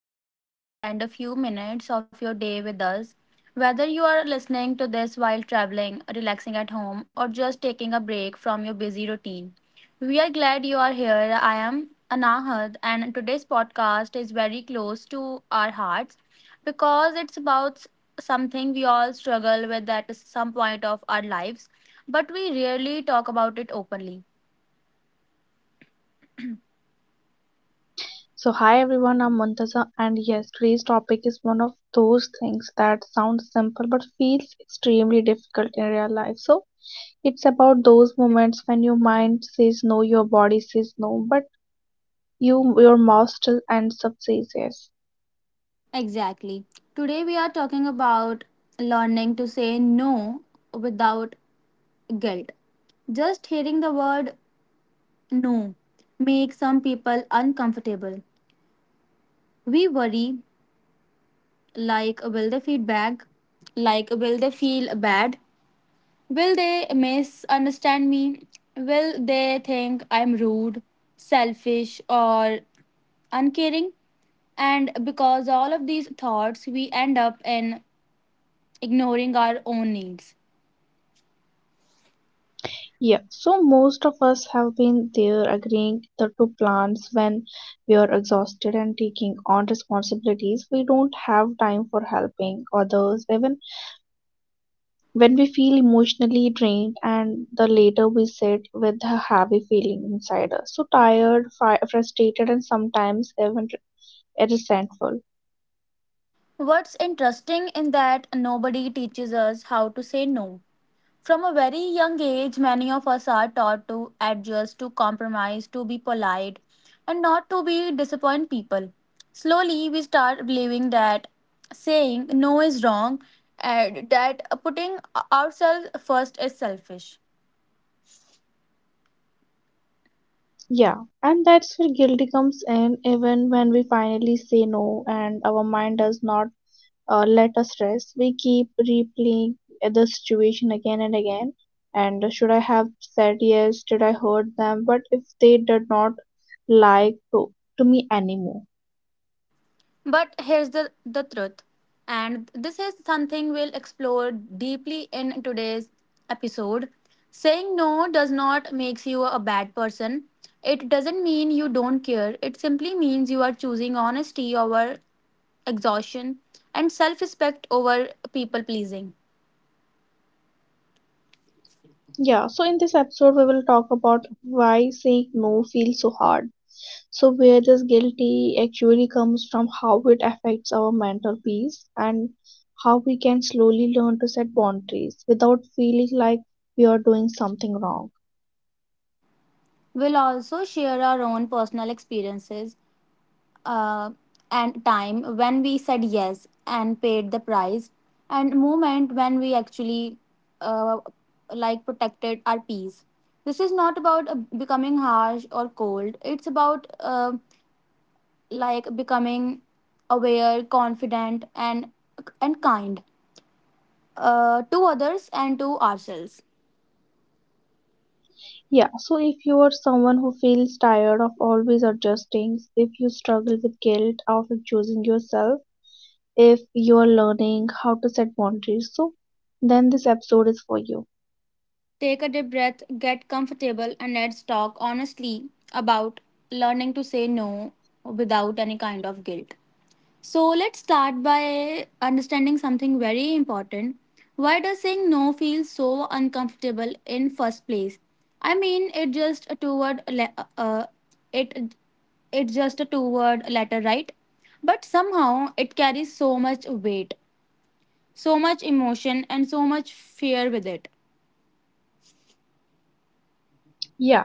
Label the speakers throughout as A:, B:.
A: that you choose to spend a few minutes of your day with us. Whether you are listening to this while traveling, relaxing at home, or just taking a break from your busy routine, we are glad you are here. I am Anahad, and today's podcast is very close to our hearts because it's about something we all struggle with at some point of our lives, but we rarely talk about it openly.
B: So, hi everyone, I'm Muntaza, and yes, today's topic is one of those things that sounds simple but feels extremely difficult in real life. So, it's about those moments when your mind says no, your body says no, but your mouth still ends up says yes.
A: Exactly. Today we are talking about learning to say no without guilt. Just hearing the word no makes some people uncomfortable. We worry, like will they feedback? Like will they feel bad? Will they misunderstand me? Will they think I'm rude, selfish or uncaring? And because all of these thoughts we end up in ignoring our own needs.
B: Yeah, so most of us have been there agreeing the two plans when we are exhausted and taking on responsibilities we don't have time for, helping others even when we feel emotionally drained, and the later we sit with a heavy feeling inside us, so tired, frustrated, and sometimes even resentful.
A: What's interesting in that nobody teaches us how to say no. From a very young age, many of us are taught to adjust, to compromise, to be polite, and not to be disappoint people. Slowly, we start believing that saying no is wrong and that putting ourselves first is selfish.
B: Yeah, and that's where guilty comes in. Even when we finally say no, and our mind does not let us rest, we keep replaying the situation again and again. And should I have said yes? Did I hurt them? But if they did not like to me anymore.
A: But here's the truth, and this is something we'll explore deeply in today's episode. Saying no does not makes you a bad person. It doesn't mean you don't care. It simply means you are choosing honesty over exhaustion and self-respect over people pleasing.
B: Yeah, so in this episode, we will talk about why saying no feels so hard. So, where this guilty actually comes from, how it affects our mental peace, and how we can slowly learn to set boundaries without feeling like we are doing something wrong.
A: We'll also share our own personal experiences, uh, and time when we said yes and paid the price and moment when we actually uh, like protected our peace. This is not about becoming harsh or cold. It's about like becoming aware, confident and kind, to others and to ourselves.
B: Yeah, so if you are someone who feels tired of always adjusting, if you struggle with guilt after choosing yourself, if you are learning how to set boundaries, so then this episode is for you.
A: Take a deep breath, get comfortable and let's talk honestly about learning to say no without any kind of guilt. So let's start by understanding something very important. Why does saying no feel so uncomfortable in first place? I mean, it just a two-word, le- it it's just a two-word letter, right? But somehow it carries so much weight, so much emotion, and so much fear with it.
B: Yeah,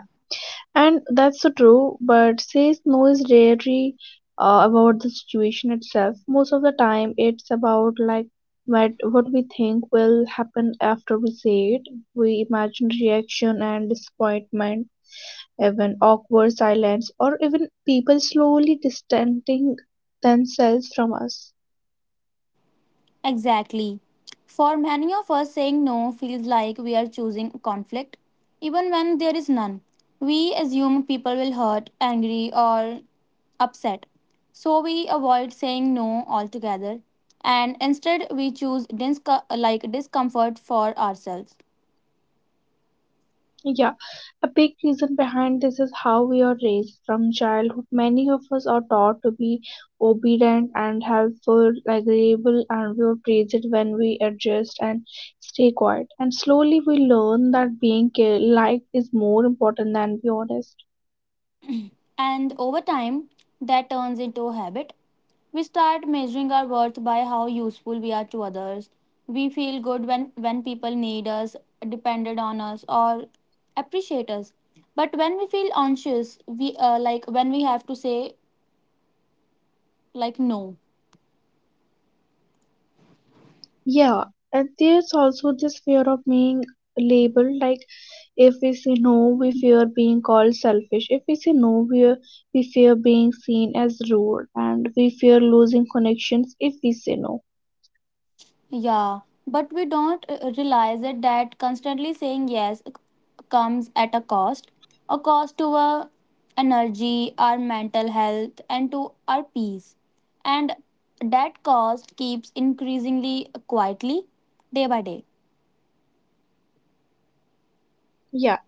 B: and that's so true, but says no is rarely about the situation itself. Most of the time, it's about, like, what we think will happen after we say it. We imagine reaction and disappointment, even awkward silence, or even people slowly distancing themselves from us.
A: Exactly. For many of us, saying no feels like we are choosing conflict, even when there is none. We assume people will hurt, angry, or upset. So we avoid saying no altogether, and instead we choose like discomfort for ourselves.
B: Yeah, a big reason behind this is how we are raised from childhood. Many of us are taught to be obedient and helpful, agreeable, and we are praised when we adjust and stay quiet. And slowly we learn that being liked is more important than be honest.
A: And over time, that turns into a habit. We start measuring our worth by how useful we are to others. We feel good when people need us, depended on us, or appreciate us. But when we feel anxious, we like when we have to say like no.
B: Yeah, and there's also this fear of being labeled, like if we say no, we fear being called selfish. If we say no, we fear being seen as rude, and we fear losing connections if we say no.
A: Yeah, but we don't realize it that constantly saying comes at a cost to our energy, our mental health, and to our peace. And that cost keeps increasingly quietly day by day.
B: Yeah,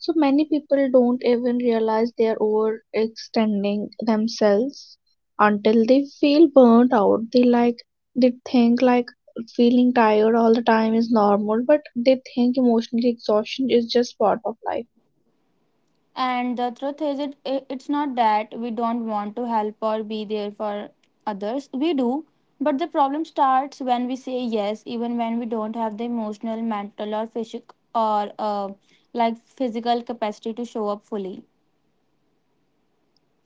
B: so many people don't even realize they are overextending themselves until they feel burnt out. They think, like, feeling tired all the time is normal, but they think emotional exhaustion is just part of life.
A: And the truth is, it's not that we don't want to help or be there for others. We do, but the problem starts when we say yes, even when we don't have the emotional, mental, or physic or like physical capacity to show up fully.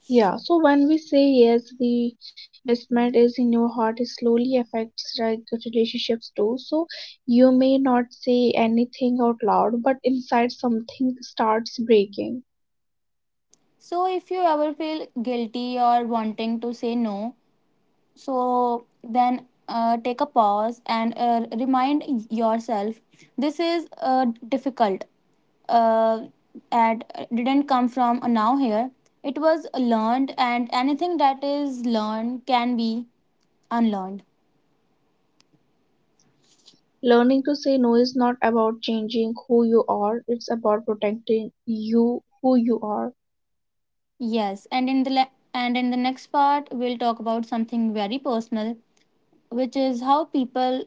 B: Yeah, so when we say yes, the investment is in your heart, it slowly affects, like, the relationships too. So you may not say anything out loud, but inside something starts breaking.
A: So if you ever feel guilty or wanting to say no, so then take a pause and remind yourself this is difficult. Uh, and didn't come from a now here. It was learned, and anything that is learned can be unlearned.
B: Learning to say no is not about changing who you are, it's about protecting you who you are.
A: Yes, and in the next part we'll talk about something very personal, which is how people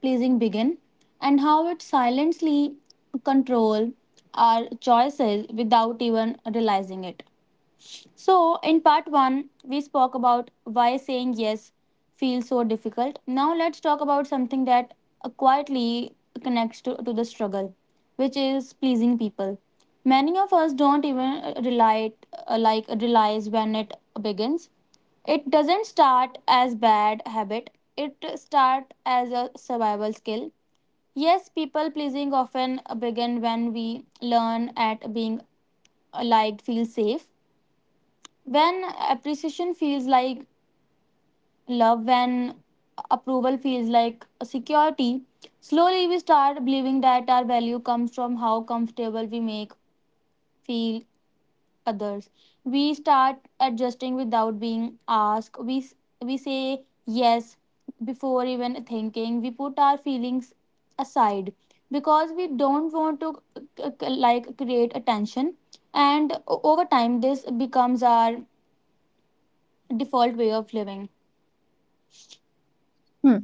A: pleasing begin and how it silently control our choices without even realizing it. So, in part one, we spoke about why saying yes feels so difficult. Now, let's talk about something that quietly connects to the struggle, which is pleasing people. Many of us don't even like realize when it begins. It doesn't start as bad habit. It start as a survival skill. Yes, people pleasing often begin when we learn at being liked feels safe, when appreciation feels like love, when approval feels like security. Slowly we start believing that our value comes from how comfortable we make feel others. We start adjusting without being asked. We say yes before even thinking. We put our feelings aside because we don't want to like create attention. And over time this becomes our default way of living.
B: Hmm.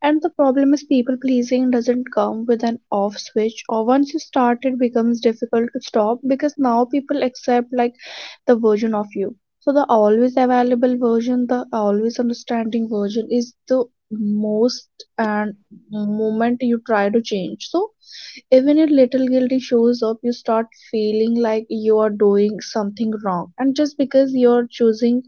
B: And the problem is, people pleasing doesn't come with an off switch. Or once you start, it becomes difficult to stop, because now people accept, like, the version of you. So the always available version, the always understanding version is the most, and moment you try to change. So even if little guilty shows up, you start feeling like you are doing something wrong, and just because you're choosing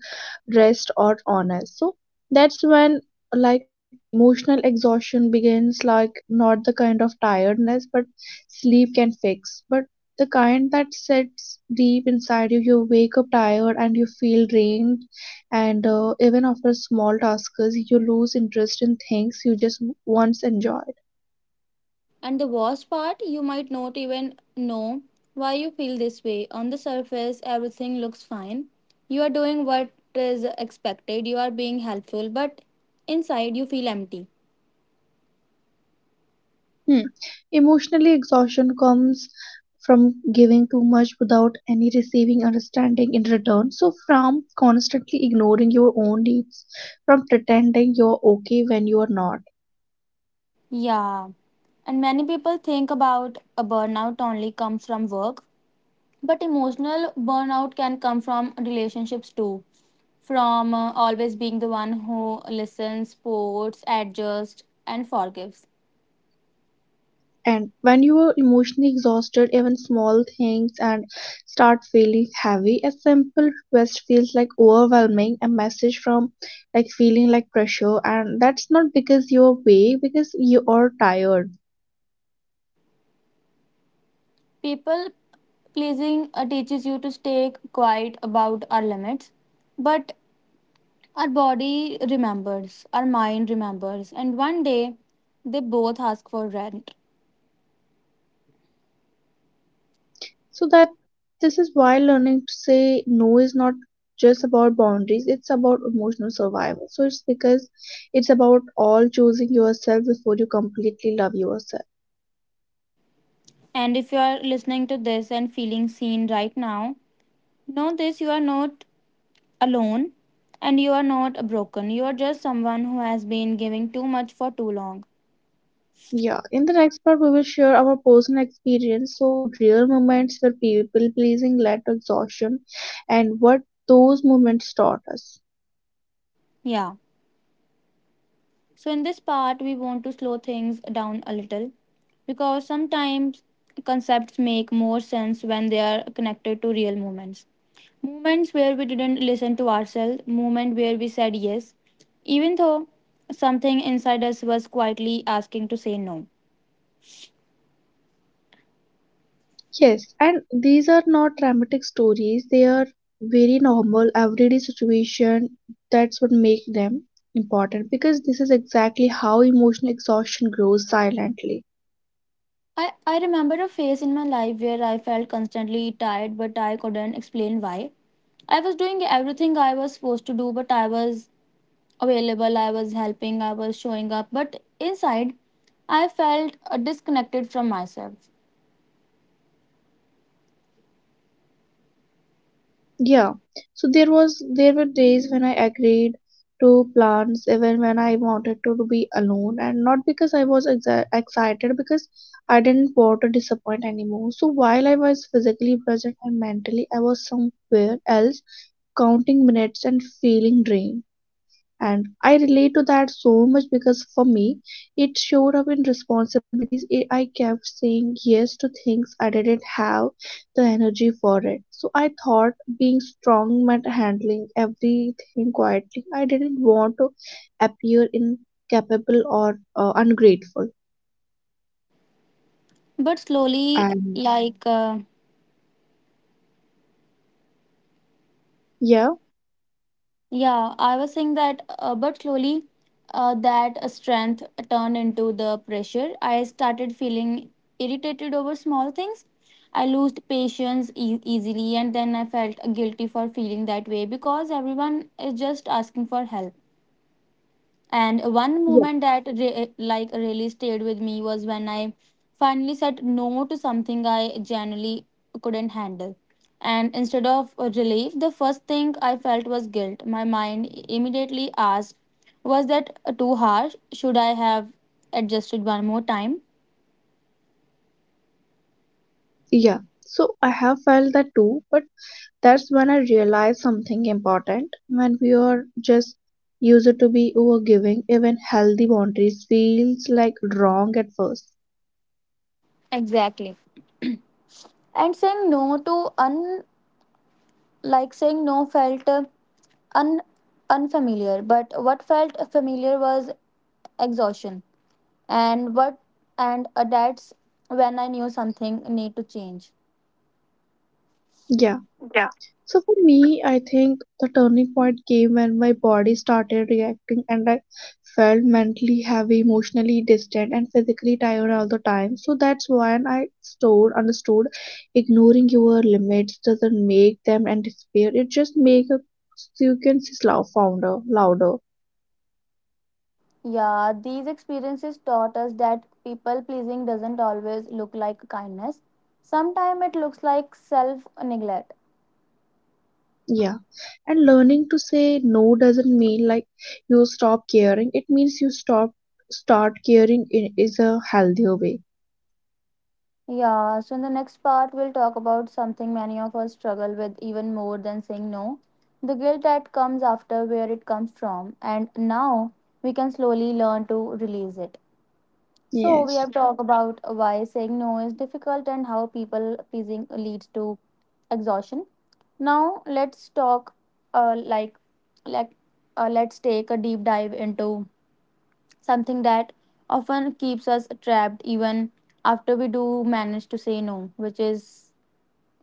B: rest or honest. So that's when, like, emotional exhaustion begins, like, not the kind of tiredness but sleep can fix, but the kind that sits deep inside you. You wake up tired and you feel drained, and even after small tasks, you lose interest in things you just once enjoyed.
A: And the worst part, you might not even know why you feel this way. On the surface, everything looks fine. You are doing what is expected, you are being helpful, but inside you feel empty.
B: Hmm. Emotionally, exhaustion comes from giving too much without any receiving understanding in return. So, from constantly ignoring your own needs, from pretending you're okay when you are not.
A: Yeah. And many people think about a burnout only comes from work, but emotional burnout can come from relationships too. From always being the one who listens, supports, adjusts, and forgives.
B: And when you are emotionally exhausted, even small things and start feeling heavy, a simple request feels like overwhelming, a message from like feeling like pressure, and that's not because you're way, because you are tired.
A: People pleasing teaches you to stay quiet about our limits, but our body remembers, our mind remembers, and one day they both ask for rent.
B: So that this is why learning to say no is not just about boundaries, it's about emotional survival. So it's because it's about all choosing yourself before you completely love yourself.
A: And if you are listening to this and feeling seen right now, know this, you are not alone and you are not broken. You are just someone who has been giving too much for too long.
B: Yeah, in the next part we will share our personal experience, so real moments where people pleasing led to exhaustion and what those moments taught us.
A: Yeah. So, in this part, we want to slow things down a little because sometimes concepts make more sense when they are connected to real moments. Moments where we didn't listen to ourselves, moment where we said yes, even though something inside us was quietly asking to say no.
B: Yes, and these are not dramatic stories. They are very normal, everyday situation. That's what makes them important, because this is exactly how emotional exhaustion grows silently.
A: I remember a phase in my life where I felt constantly tired, but I couldn't explain why. I was doing everything I was supposed to do, but I was available, I was helping, I was showing up, but inside I felt disconnected from myself.
B: Yeah. So there were days when I agreed to plans even when I wanted to be alone, and not because I was excited, because I didn't want to disappoint anymore. So while I was physically present and mentally I was somewhere else, counting minutes and feeling drained. And I relate to that so much, because for me, it showed up in responsibilities. I kept saying yes to things I didn't have the energy for it. So I thought being strong meant handling everything quietly. I didn't want to appear incapable or ungrateful.
A: But slowly,
B: And
A: like,
B: yeah,
A: yeah, I was saying that, but slowly that strength turned into the pressure. I started feeling irritated over small things. I lost easily, and then I felt guilty for feeling that way because everyone is just asking for help. And one
B: yeah,
A: moment that like really stayed with me was when I finally said no to something I generally couldn't handle. And instead of relief, the first thing I felt was guilt. My mind immediately asked, was that too harsh? Should I have adjusted one more time?
B: yeah. So I have felt that too, but that's when I realized something important. When we are just used to be overgiving, even healthy boundaries feels like wrong at first.
A: Exactly. And saying no to un like saying no felt un unfamiliar, but what felt familiar was exhaustion. And what and That's when I knew something need to change.
B: Yeah.
A: Yeah.
B: So for me, I think the turning point came when my body started reacting, and I felt mentally heavy, emotionally distant, and physically tired all the time. So that's when I stored, understood ignoring your limits doesn't make them and disappear. It just makes a you can slow founder louder.
A: Yeah, these experiences taught us that people pleasing doesn't always look like kindness, sometimes it looks like self neglect.
B: Yeah, and learning to say no doesn't mean, like, you stop caring. It means you stop start caring in is a healthier way.
A: Yeah, so in the next part we'll talk about something many of us struggle with even more than saying no, the guilt that comes after, where it comes from and now we can slowly learn to release it. So we
B: Yes.
A: have talked about why saying no is difficult and how people pleasing leads to exhaustion. Now let's talk, uh, like like let's take a deep dive into something that often keeps us trapped even after we do manage to say no, which is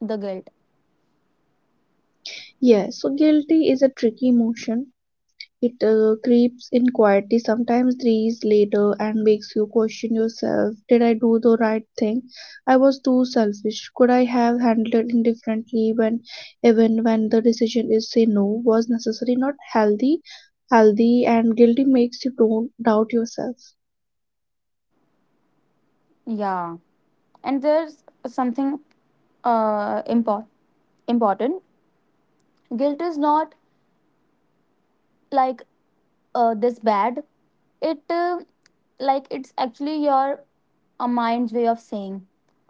A: the guilt.
B: Yes, so guilty is a tricky emotion. It creeps in quietly, sometimes days later, and makes you question yourself. Did I do the right thing? I was too selfish. Could I have handled it indifferently when, even when the decision is say no, was necessary, not healthy? Healthy and guilty makes you don't doubt yourself.
A: Yeah. And there's something uh impor- important. Guilt is not like this bad. it uh, it's actually your a mind's way of saying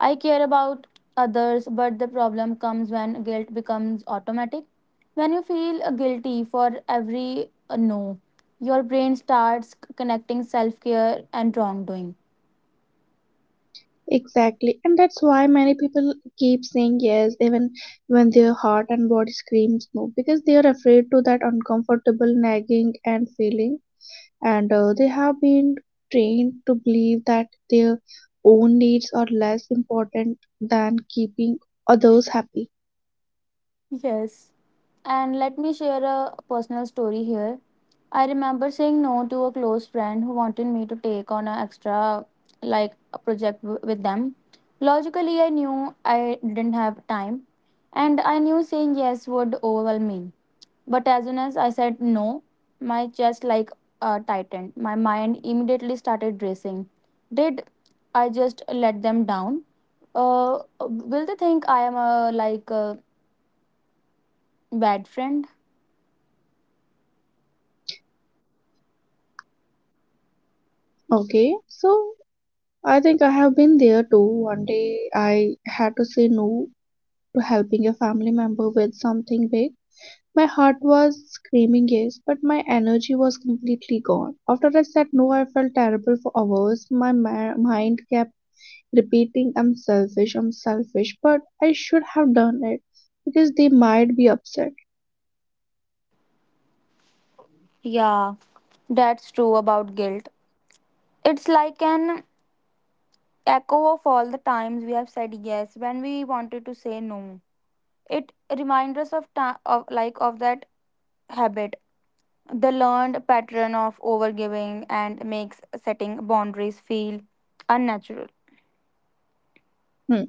A: I care about others. But the problem comes when guilt becomes automatic. When you feel guilty for every no, your brain starts connecting self-care and wrongdoing.
B: Exactly, and that's why many people keep saying yes even when their heart and body screams no, because they are afraid to that uncomfortable nagging and feeling, and they have been trained to believe that their own needs are less important than keeping others happy.
A: Yes. And let me share a personal story here. I remember saying no to a close friend who wanted me to take on an extra like a with them. Logically, I knew I didn't have time and I knew saying yes would overwhelm me. But as soon as I said no, my chest tightened. My mind immediately started racing. Did I just let them down? Will they think I am a like a bad friend?
B: Okay, so I think I have been there too. One day I had to say no to helping a family member with something big. My heart was screaming yes, but my energy was completely gone. After I said no, I felt terrible for hours. My mind kept repeating, I'm selfish, but I should have done it because they might be upset.
A: Yeah, that's true about guilt. It's like an echo of all the times we have said yes when we wanted to say no. It reminds us of time of like of that habit, the learned pattern of overgiving and makes setting boundaries feel unnatural.
B: Hmm.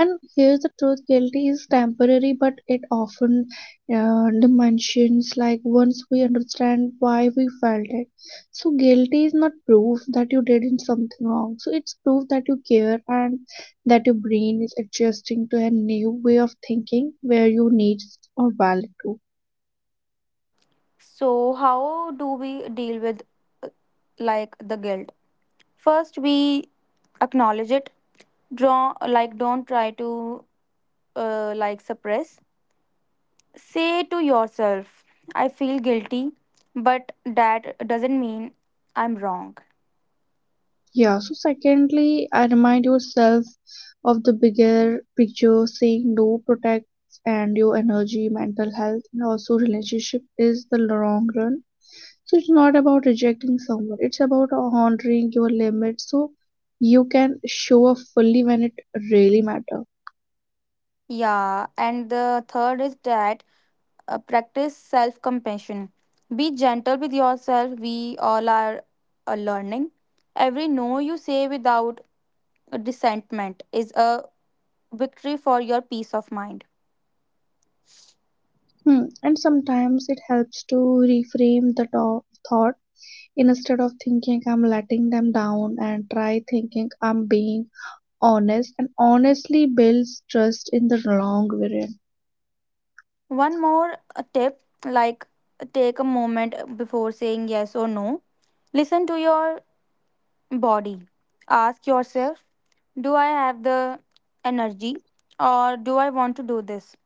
B: And here's the truth, guilty is temporary, but it often dimensions, like, once we understand why we felt it. So, guilty is not proof that you did something wrong, so it's proof that you care and that your brain is adjusting to a new way of thinking where you need or valid to.
A: So how do we deal with like the guilt? First we acknowledge it. Draw like don't try to like suppress. Say to yourself, I feel guilty, but that doesn't mean I'm wrong.
B: Yeah, so secondly, I remind yourself of the bigger picture. Saying no protects and your energy, mental health, and also relationship is the long run. So it's not about rejecting someone, it's about honoring your limits so you can show up fully when it really matters.
A: Yeah, and the third is that practice self compassion. Be gentle with yourself. We all are learning. Every no you say without dissentment is a victory for your peace of mind.
B: Hmm. And sometimes it helps to reframe the thought. Instead of thinking I'm letting them down, and try thinking I'm being honest, and honestly builds trust in the long run.
A: One more tip, like take a moment before saying yes or no. Listen to your body. Ask yourself, do I have the energy or do I want to do this?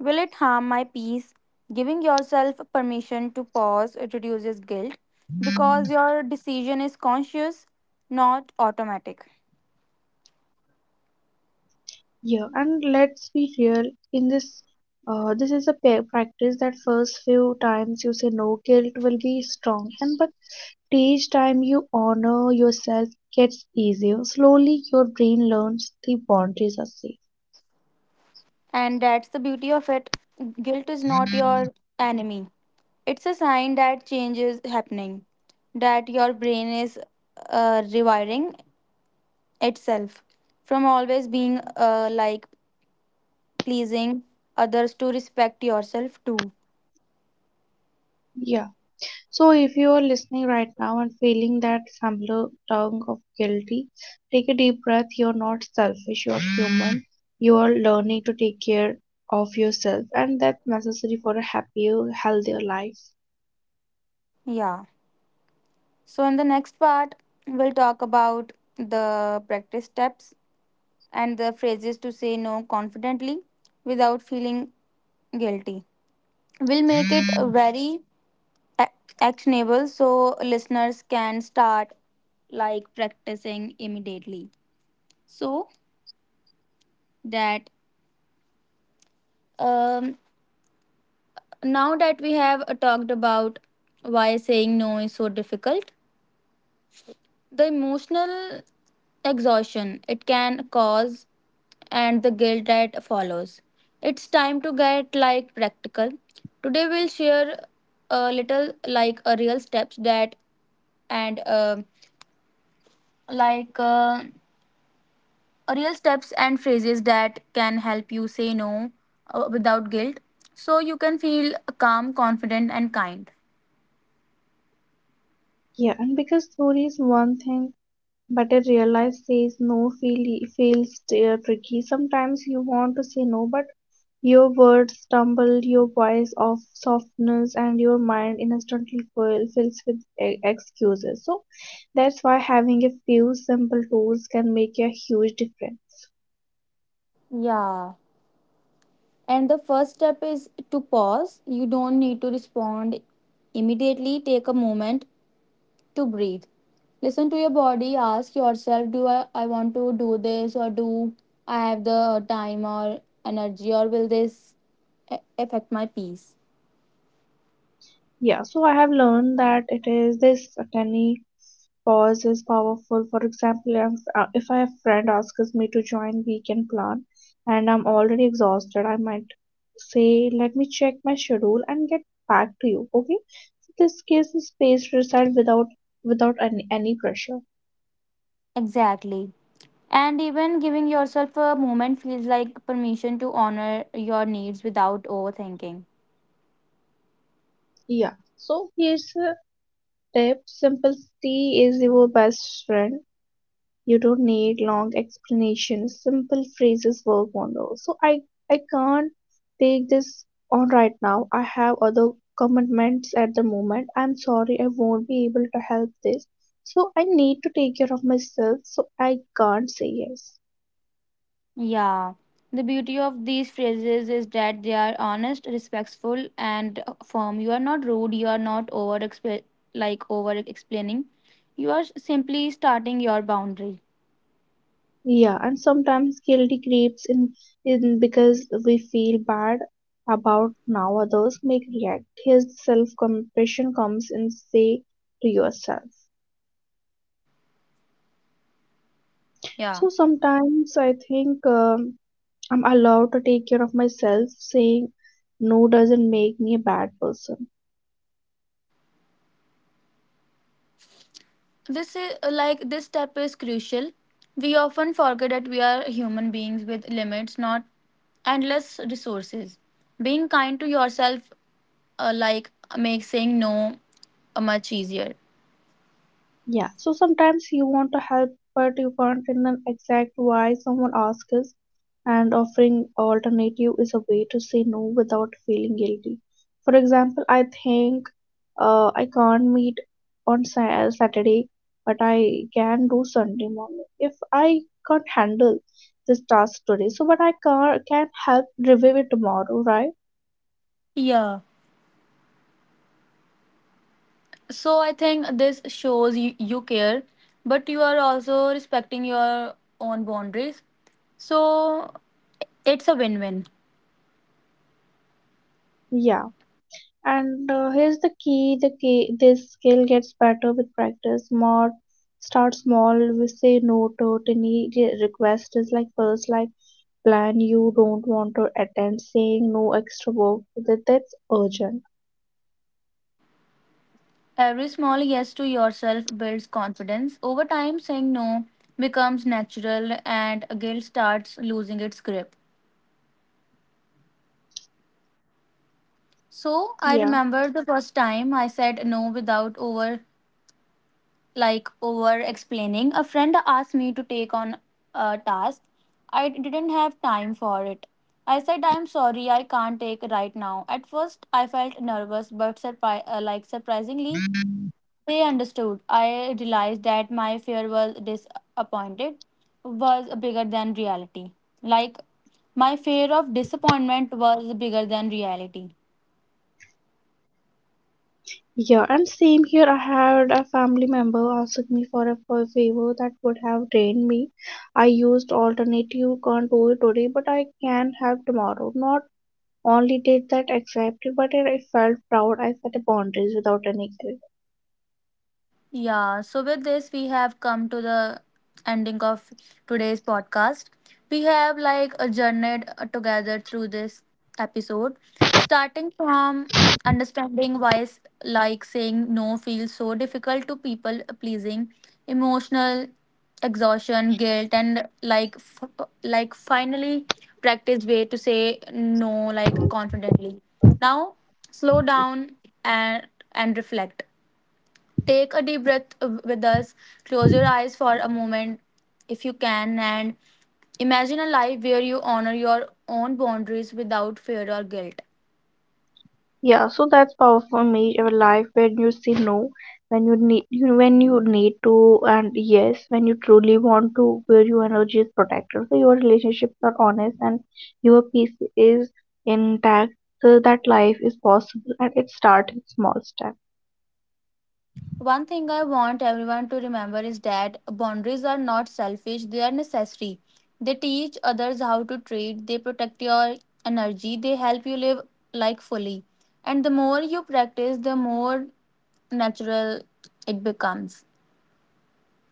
A: Will it harm my peace? Giving yourself permission to pause reduces guilt because your decision is conscious, not automatic.
B: Yeah, and let's be real, in this this is a practice. That first few times you say no, guilt will be strong, and but each time you honor yourself, gets easier. Slowly your brain learns the boundaries are safe.
A: And that's the beauty of it. Guilt is not your enemy, it's a sign that change is happening, that your brain is rewiring itself from always being pleasing others to respect yourself too.
B: Yeah. So, if you are listening right now and feeling that familiar tug of guilty, take a deep breath. You're not selfish, you're human. You are learning to take care of yourself, and that's necessary for a happier, healthier life.
A: Yeah. So in the next part, we'll talk about the practice steps and the phrases to say no confidently without feeling guilty. We'll make it very ac- actionable so listeners can start like practicing immediately. So that um, Now that we have talked about why saying no is so difficult, the emotional exhaustion it can cause, and the guilt that follows, it's time to get like practical. Today we'll share a little like a real steps that and like a real steps and phrases that can help you say no without guilt, so you can feel calm, confident, and kind.
B: Yeah, and because story is one thing, but I realize says no feels tricky. Sometimes you want to say no, but your words stumble, your voice of softness, and your mind instantly fills with excuses. So that's why having a few simple tools can make a huge difference.
A: Yeah. And the first step is to pause. You don't need to respond immediately. Take a moment to breathe. Listen to your body. Ask yourself, do I want to do this, or do I have the time or energy, or will this affect my peace?
B: Yeah, so I have learned that it is this tiny cause is powerful. For example, if a friend asks me to join weekend plan and I'm already exhausted, I might say, let me check my schedule and get back to you. Okay. So this gives me space to decide without any pressure.
A: Exactly. And even giving yourself a moment feels like permission to honor your needs without overthinking.
B: Yeah. So here's a tip. Simplicity is your best friend. You don't need long explanations, simple phrases work wonders. So I can't take this on right now, I have other commitments at the moment. I'm sorry I won't be able to help this, so I need to take care of myself, so I can't say yes.
A: Yeah, the beauty of these phrases is that they are honest, respectful, and firm. You are not rude, you are not like over explaining. You are simply starting your boundary.
B: Yeah, and sometimes guilty creeps in because we feel bad about now others make react. Here's self compassion comes in, say to yourself.
A: Yeah.
B: So sometimes I think, I'm allowed to take care of myself. Saying no doesn't make me a bad person.
A: This step is crucial. We often forget that we are human beings with limits, not endless resources. Being kind to yourself uh, like makes saying no much easier.
B: Yeah, so sometimes you want to help, but you can't in an exact why someone asks, and offering alternative is a way to say no without feeling guilty. For example, I think I can't meet on Saturday, but I can do Sunday morning. If I can't handle this task today, but I can help review it tomorrow, right?
A: Yeah. So I think this shows you, you care, but you are also respecting your own boundaries. So it's a win win.
B: Yeah. And here's the key: this skill gets better with practice. More start small. We say no to tiny requests, like first, like plan you don't want to attend. Saying no extra work that's urgent.
A: Every small yes to yourself builds confidence. Over time, saying no becomes natural and guilt starts losing its grip. So I
B: Yeah.
A: remember the first time I said no without over like over explaining. A friend asked me to take on a task. I didn't have time for it. I said, I'm sorry, I can't take right now. At first, I felt nervous, but surprisingly, they understood. I realized that my fear was disappointed was bigger than reality. Like my fear of disappointment was bigger than reality.
B: Yeah, and same here. I had a family member asking me for a favor that would have drained me. I used alternative, can't do it today, but I can have tomorrow. Not only did that exactly, but I felt proud. I set a boundaries without any guilt.
A: Yeah, so with this, we have come to the ending of today's podcast. We have like a journeyed together through this episode, starting from understanding why, saying no feels so difficult, to people pleasing, emotional exhaustion, guilt, and finally practice way to say no like confidently. Now, slow down and reflect. Take a deep breath with us. Close your eyes for a moment, if you can, and imagine a life where you honor your own boundaries without fear or guilt.
B: Yeah, so that's powerful me a life when you say no, when you need to, and yes, when you truly want to, where your energy is protected, so your relationships are honest and your peace is intact. So that life is possible, and it starts with small steps.
A: One thing I want everyone to remember is that boundaries are not selfish, they are necessary. They teach others how to treat, they protect your energy, they help you live life fully. And the more you practice, the more natural it becomes.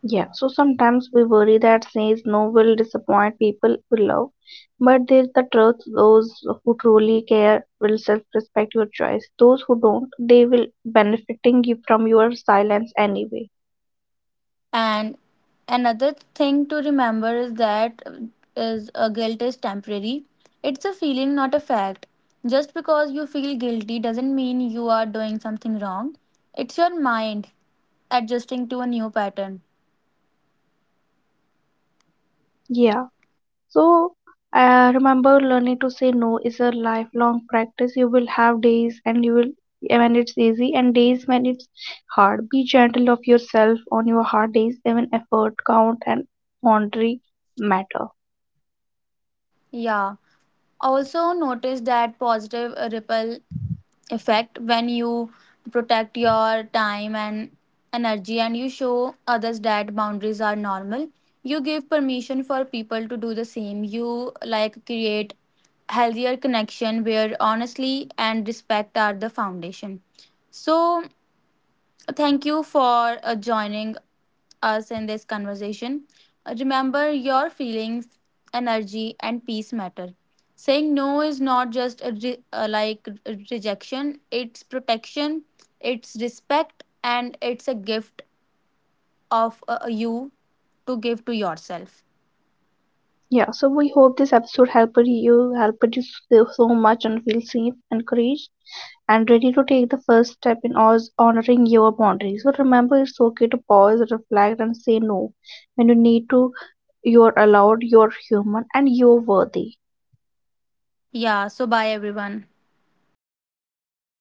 B: Yeah, so sometimes we worry that says no will disappoint people we love, but there's the truth, those who truly care will self respect your choice. Those who don't, they will benefiting you from your silence anyway.
A: And another thing to remember is that is a guilt is temporary. It's a feeling, not a fact. Just because you feel guilty doesn't mean you are doing something wrong. It's your mind adjusting to a new pattern.
B: Yeah, so remember, learning to say no is a lifelong practice. You will have days and you will when it's easy, and days when it's hard. Be gentle of yourself on your hard days, even effort count and boundary matter.
A: Yeah. Also notice that positive ripple effect. When you protect your time and energy and you show others that boundaries are normal, you give permission for people to do the same. You like create healthier connection where honestly and respect are the foundation. So thank you for joining us in this conversation. Remember, your feelings, energy, and peace matter. Saying no is not just a rejection, it's protection, it's respect, and it's a gift of you to give to yourself.
B: Yeah, so we hope this episode helped you so so much and feel safe, encouraged, and ready to take the first step in honoring your boundaries. So remember, it's okay to pause, reflect, and say no when you need to. You're allowed, you're human, and you're worthy.
A: Yeah, so bye everyone.
B: Bye.